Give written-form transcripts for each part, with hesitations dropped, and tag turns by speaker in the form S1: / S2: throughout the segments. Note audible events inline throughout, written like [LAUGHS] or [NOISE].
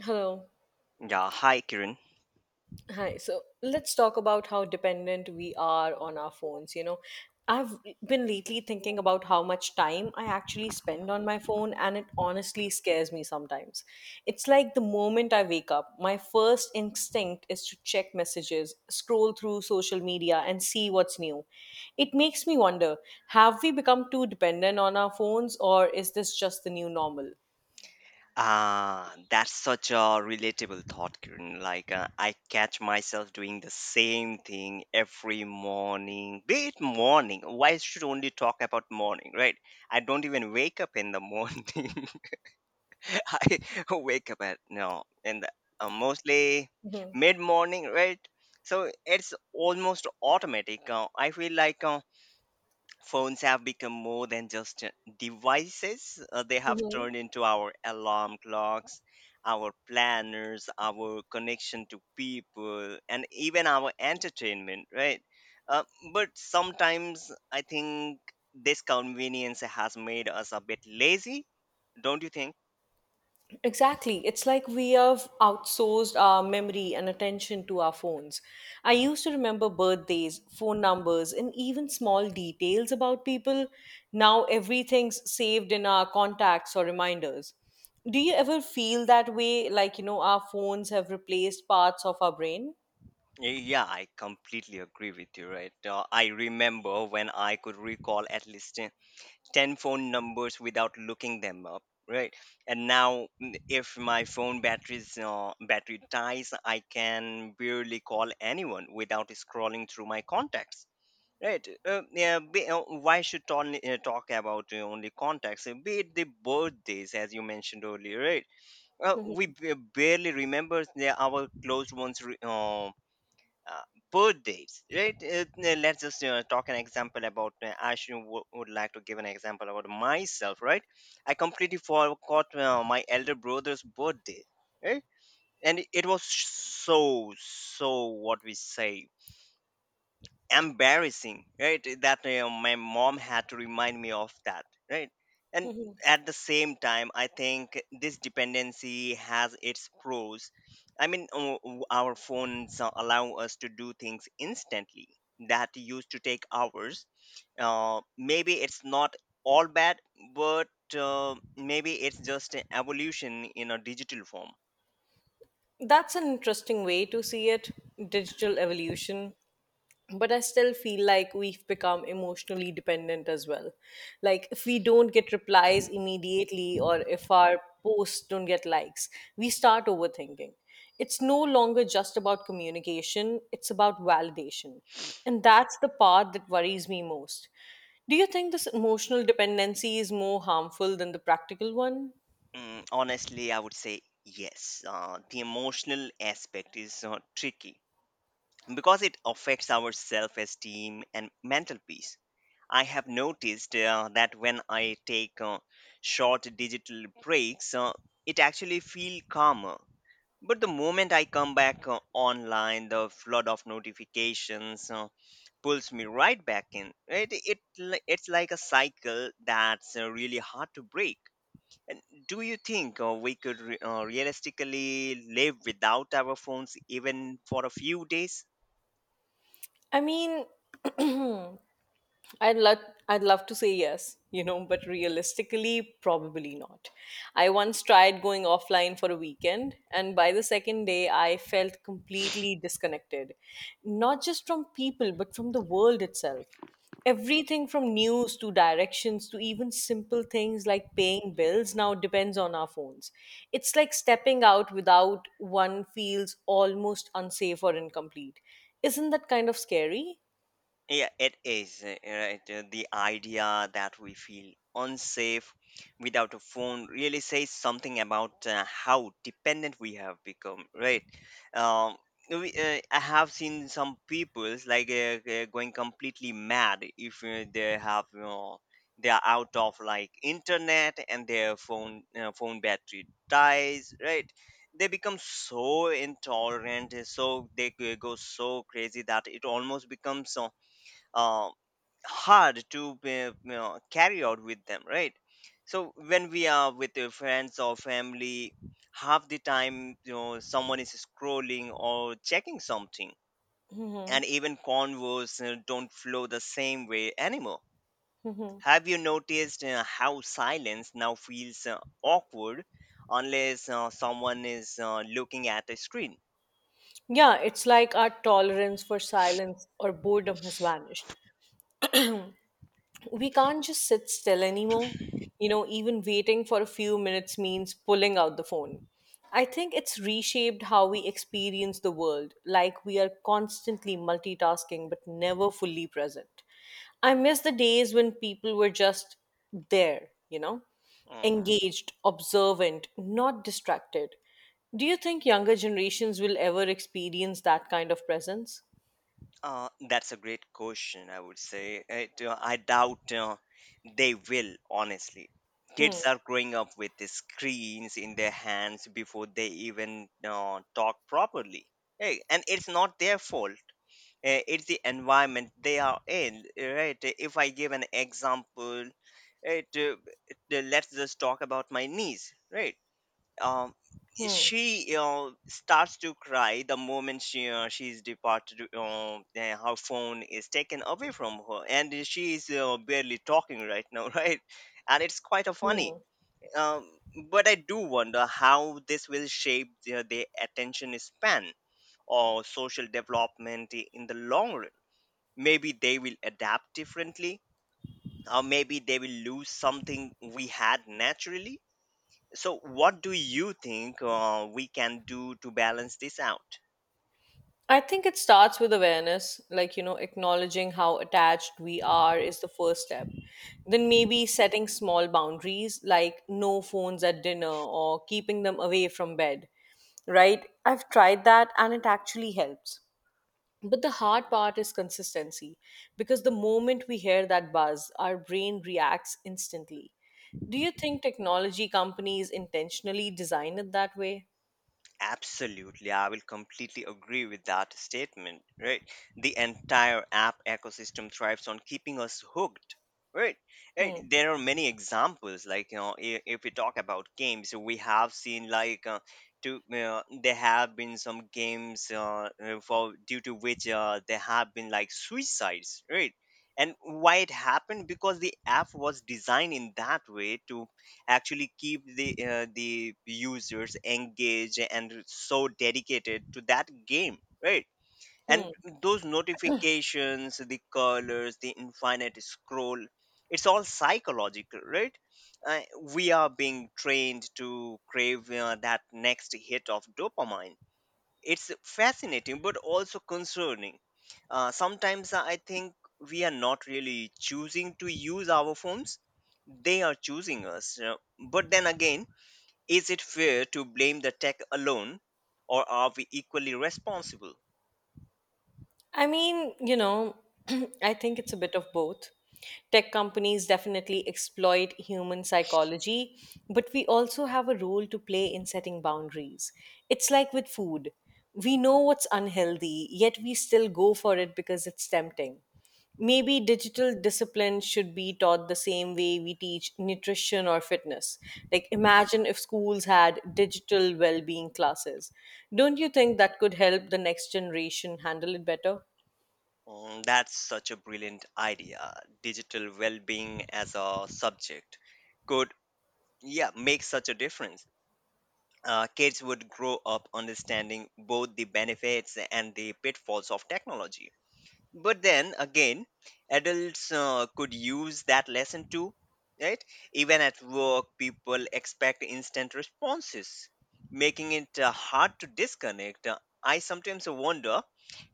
S1: Hello.
S2: Yeah, hi Kiran.
S1: Hi. So let's talk about how dependent we are on our phones. I've been lately thinking about how much time I actually spend on my phone, and it honestly scares me sometimes. It's like the moment I wake up, my first instinct is to check messages, scroll through social media, and see what's new. It makes me wonder, have we become too dependent on our phones, or is this just the new normal?
S2: Ah, that's such a relatable thought, Kiran. I catch myself doing the same thing every morning. Be it morning. Why should only talk about morning, right? I don't even wake up in the morning. [LAUGHS] I wake up at no, in the mostly mid morning, right? So it's almost automatic. I feel like. Phones have become more than just devices. They have
S1: Hmm.
S2: turned into our alarm clocks, our planners, our connection to people, and even our entertainment, right? uh, but sometimes I think this convenience has made us a bit lazy, don't you think?
S1: Exactly. It's like we have outsourced our memory and attention to our phones. I used to remember birthdays, phone numbers, and even small details about people. Now everything's saved in our contacts or reminders. Do you ever feel that way? Like, our phones have replaced parts of our brain?
S2: Yeah, I completely agree with you, right. I remember when I could recall at least 10 phone numbers without looking them up, right. And now, if my phone batteries battery dies, I can barely call anyone without scrolling through my contacts, right. Why should only talk about only contacts? Be it the birthdays as you mentioned earlier, right. We
S1: [LAUGHS]
S2: barely remember our close ones' uh, birthdays, right. Let's just talk an example about I would like to give an example about myself, right. I completely forgot my elder brother's birthday, right. And it was so so what we say embarrassing, right, that my mom had to remind me of that, right. And
S1: Mhm, mhm.
S2: at the same time, I think this dependency has its pros. I mean, our phones allow us to do things instantly that used to take hours. Maybe it's not all bad, but maybe it's just an evolution in a digital form.
S1: That's an interesting way to see it, digital evolution. But I still feel like we've become emotionally dependent as well. Like if we don't get replies immediately or if our posts don't get likes, we start overthinking. It's no longer just about communication, it's about validation, and that's the part that worries me most. Do you think this emotional dependency is more harmful than the practical one?
S2: Mm, honestly, I would say yes. The emotional aspect is tricky because it affects our self esteem and mental peace. I have noticed that when I take short digital breaks, it actually feels calmer. But the moment I come back online, the flood of notifications pulls me right back in. It's like a cycle that's really hard to break. And do you think we could realistically live without our phones even for a few days?
S1: I mean, [CLEARS THROAT] I'd love I'd love to say yes, but realistically probably not. I once tried going offline for a weekend, and by the second day I felt completely disconnected, not just from people but from the world itself. Everything from news to directions to even simple things like paying bills now depends on our phones. It's like stepping out without one feels almost unsafe or incomplete. Isn't that kind of scary?
S2: Yeah, it is, right? The idea that we feel unsafe without a phone really says something about how dependent we have become, right? Um, I have seen some people's like going completely mad if they have, you know, they are out of like internet and their phone battery dies, right? They become so intolerant, so they go so crazy that it almost becomes uh, hard to you know, carry out with them, right. So when we are with your friends or family, half the time, you know, someone is scrolling or checking something, and even convos don't flow the same way anymore. Have you noticed how silence now feels awkward unless someone is looking at a screen?
S1: Yeah, it's like our tolerance for silence or boredom has vanished, we can't just sit still anymore. Even waiting for a few minutes means pulling out the phone. I think it's reshaped how we experience the world, like we are constantly multitasking but never fully present. I miss the days when people were just there,
S2: Mm-hmm.
S1: engaged, observant, not distracted. Do you think younger generations will ever experience that kind of presence?
S2: That's a great question, I would say. I doubt they will, honestly. Kids
S1: Hmm.
S2: are growing up with the screens in their hands before they even talk properly. Hey, and it's not their fault. It's the environment they are in, right? If I give an example, it, uh, let's just talk about my niece, right? um, she starts to cry the moment she's departed and her phone is taken away from her and she is barely talking right now [LAUGHS] right. And it's quite a funny,
S1: Hmm.
S2: um, but I do wonder how this will shape their attention span or social development in the long run. Maybe they will adapt differently, or maybe they will lose something we had naturally. So, what do you think we can do to balance this out?
S1: I think it starts with awareness, like, acknowledging how attached we are is the first step. Then maybe setting small boundaries, like no phones at dinner or keeping them away from bed, right? I've tried that and it actually helps. But the hard part is consistency, because the moment we hear that buzz, our brain reacts instantly. Do you think technology companies intentionally design it that way?
S2: Absolutely, I will completely agree with that statement, right? The entire app ecosystem thrives on keeping us hooked, right?
S1: Hmm.
S2: There are many examples, like, you know, if we talk about games, we have seen like to there have been some games for due to which there have been like suicides, right? And why it happened, because the app was designed in that way to actually keep the users engaged and so dedicated to that game, right. And
S1: Hmm.
S2: those notifications, the colors, the infinite scroll, it's all psychological, right? uh, we are being trained to crave that next hit of dopamine. It's fascinating but also concerning. Sometimes I think we are not really choosing to use our phones, they are choosing us, you know. But then again, is it fair to blame the tech alone, or are we equally responsible?
S1: I mean, [CLEARS THROAT] I think it's a bit of both. Tech companies definitely exploit human psychology, but we also have a role to play in setting boundaries. It's like with food. We know what's unhealthy, yet we still go for it because it's tempting. Maybe digital discipline should be taught the same way we teach nutrition or fitness. Like, imagine if schools had digital well being classes. Don't you think that could help the next generation handle it better?
S2: Mm, that's such a brilliant idea. Digital well being as a subject could, yeah, make such a difference. Kids would grow up understanding both the benefits and the pitfalls of technology. But then again, adults could use that lesson too, right. Even at work, people expect instant responses, making it hard to disconnect. I sometimes wonder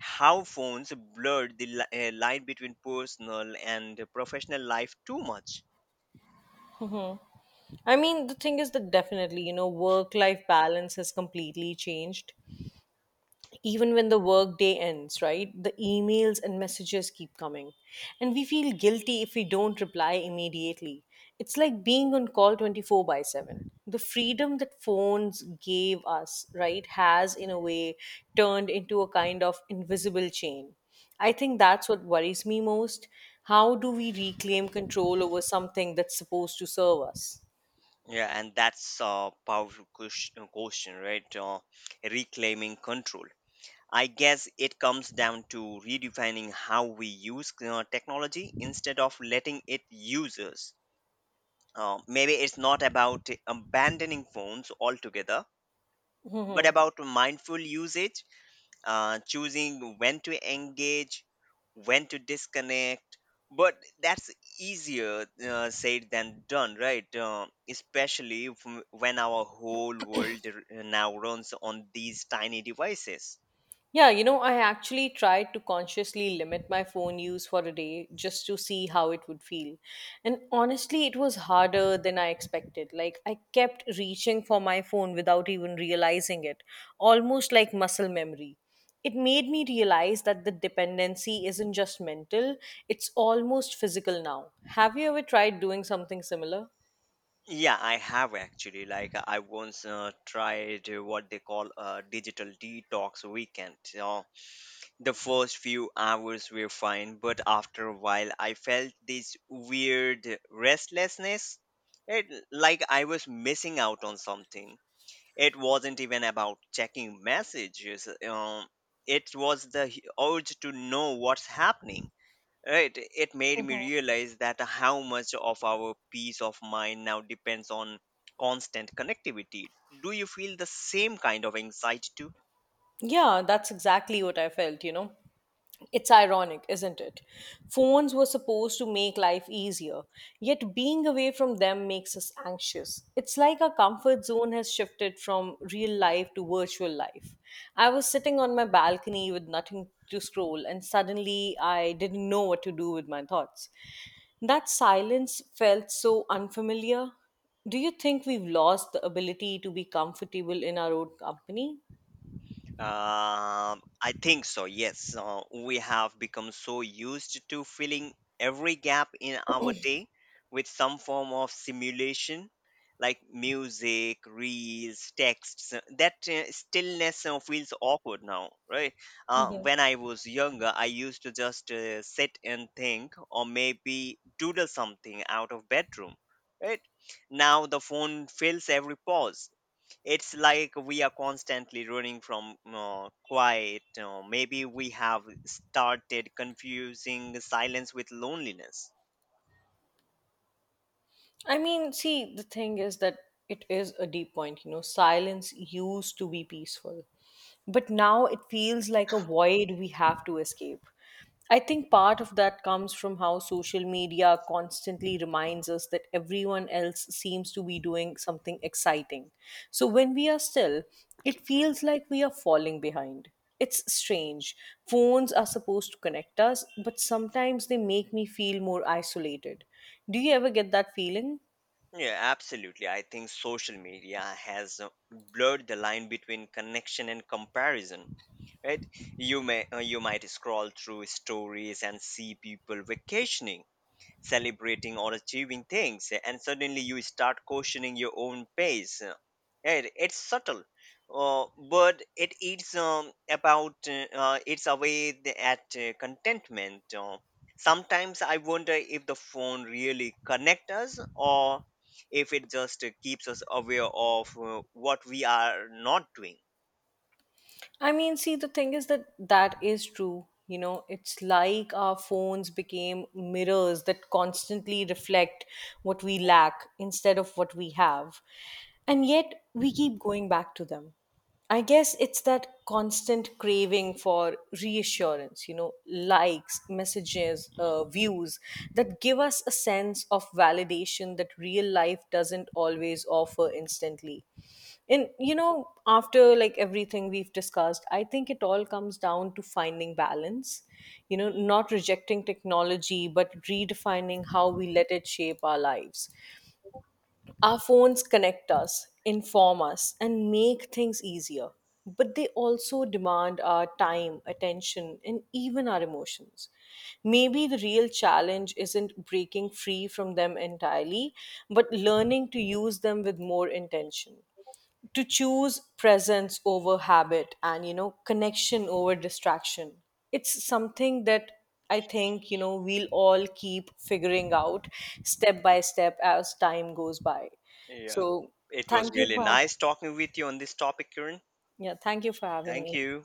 S2: how phones blurred the line between personal and professional life too much.
S1: I mean, the thing is that definitely, work life balance has completely changed. Even when the work day ends, right, the emails and messages keep coming, and we feel guilty if we don't reply immediately. It's like being on call 24/7. The freedom that phones gave us, right, has in a way turned into a kind of invisible chain. I think that's what worries me most. How do we reclaim control over something that's supposed to serve us?
S2: Yeah, and that's a powerful question, right? Reclaiming control. I guess it comes down to redefining how we use technology instead of letting it use us. Maybe it's not about abandoning phones altogether, but about mindful usage, choosing when to engage, when to disconnect. But that's easier said than done, right? Especially when our whole world now runs on these tiny devices.
S1: Yeah, I actually tried to consciously limit my phone use for a day just to see how it would feel. And honestly, it was harder than I expected. Like, I kept reaching for my phone without even realizing it, almost like muscle memory. It made me realize that the dependency isn't just mental, it's almost physical now. Have you ever tried doing something similar?
S2: Yeah, I have actually. I once tried what they call a digital detox weekend. So the first few hours were fine, but after a while, I felt this weird restlessness. It, like I was missing out on something. It wasn't even about checking messages. It was the urge to know what's happening. Right, it made me realize that how much of our peace of mind now depends on constant connectivity. Do you feel the same kind of anxiety too?
S1: Yeah, that's exactly what I felt. It's ironic, isn't it? Phones were supposed to make life easier, yet being away from them makes us anxious. It's like our comfort zone has shifted from real life to virtual life. I was sitting on my balcony with nothing to scroll, and suddenly I didn't know what to do with my thoughts. That silence felt so unfamiliar. Do you think we've lost the ability to be comfortable in our own company?
S2: I think so, yes. We have become so used to filling every gap in our day with some form of simulation, like music, reels, texts. That stillness feels awkward now, right? When I was younger, I used to just sit and think, or maybe doodle something out of bedroom, right? Now the phone fills every pause. It's like we are constantly running from quiet. Maybe we have started confusing silence with loneliness.
S1: I mean, see, the thing is that it is a deep point. Silence used to be peaceful, but now it feels like a void we have to escape. I think part of that comes from how social media constantly reminds us that everyone else seems to be doing something exciting. So when we are still, it feels like we are falling behind. It's strange. Phones are supposed to connect us, but sometimes they make me feel more isolated. Do you ever get that feeling?
S2: Yeah, absolutely. I think social media has blurred the line between connection and comparison. Right? You might scroll through stories and see people vacationing, celebrating, or achieving things, and suddenly you start questioning your own pace. It's subtle, uh, but it eats about it's away at contentment. Sometimes I wonder if the phone really connect us, or if it just keeps us aware of what we are not doing.
S1: I mean, see, the thing is that that is true. It's like our phones became mirrors that constantly reflect what we lack instead of what we have. And yet we keep going back to them. I guess it's that constant craving for reassurance, likes, messages,
S2: Mm.
S1: views that give us a sense of validation that real life doesn't always offer instantly. And after like everything we've discussed, I think it all comes down to finding balance, not rejecting technology, but redefining how we let it shape our lives. Our phones connect us, inform us, and make things easier, but they also demand our time, attention, and even our emotions. Maybe the real challenge isn't breaking free from them entirely, but learning to use them with more intention, to choose presence over habit and connection over distraction. It's something that I think we'll all keep figuring out step by step as time goes by.
S2: Yeah,
S1: So
S2: it was
S1: thank you
S2: really
S1: for,
S2: nice talking with you on this topic, Kiran.
S1: yeah, thank you for having
S2: Thank
S1: me.
S2: you.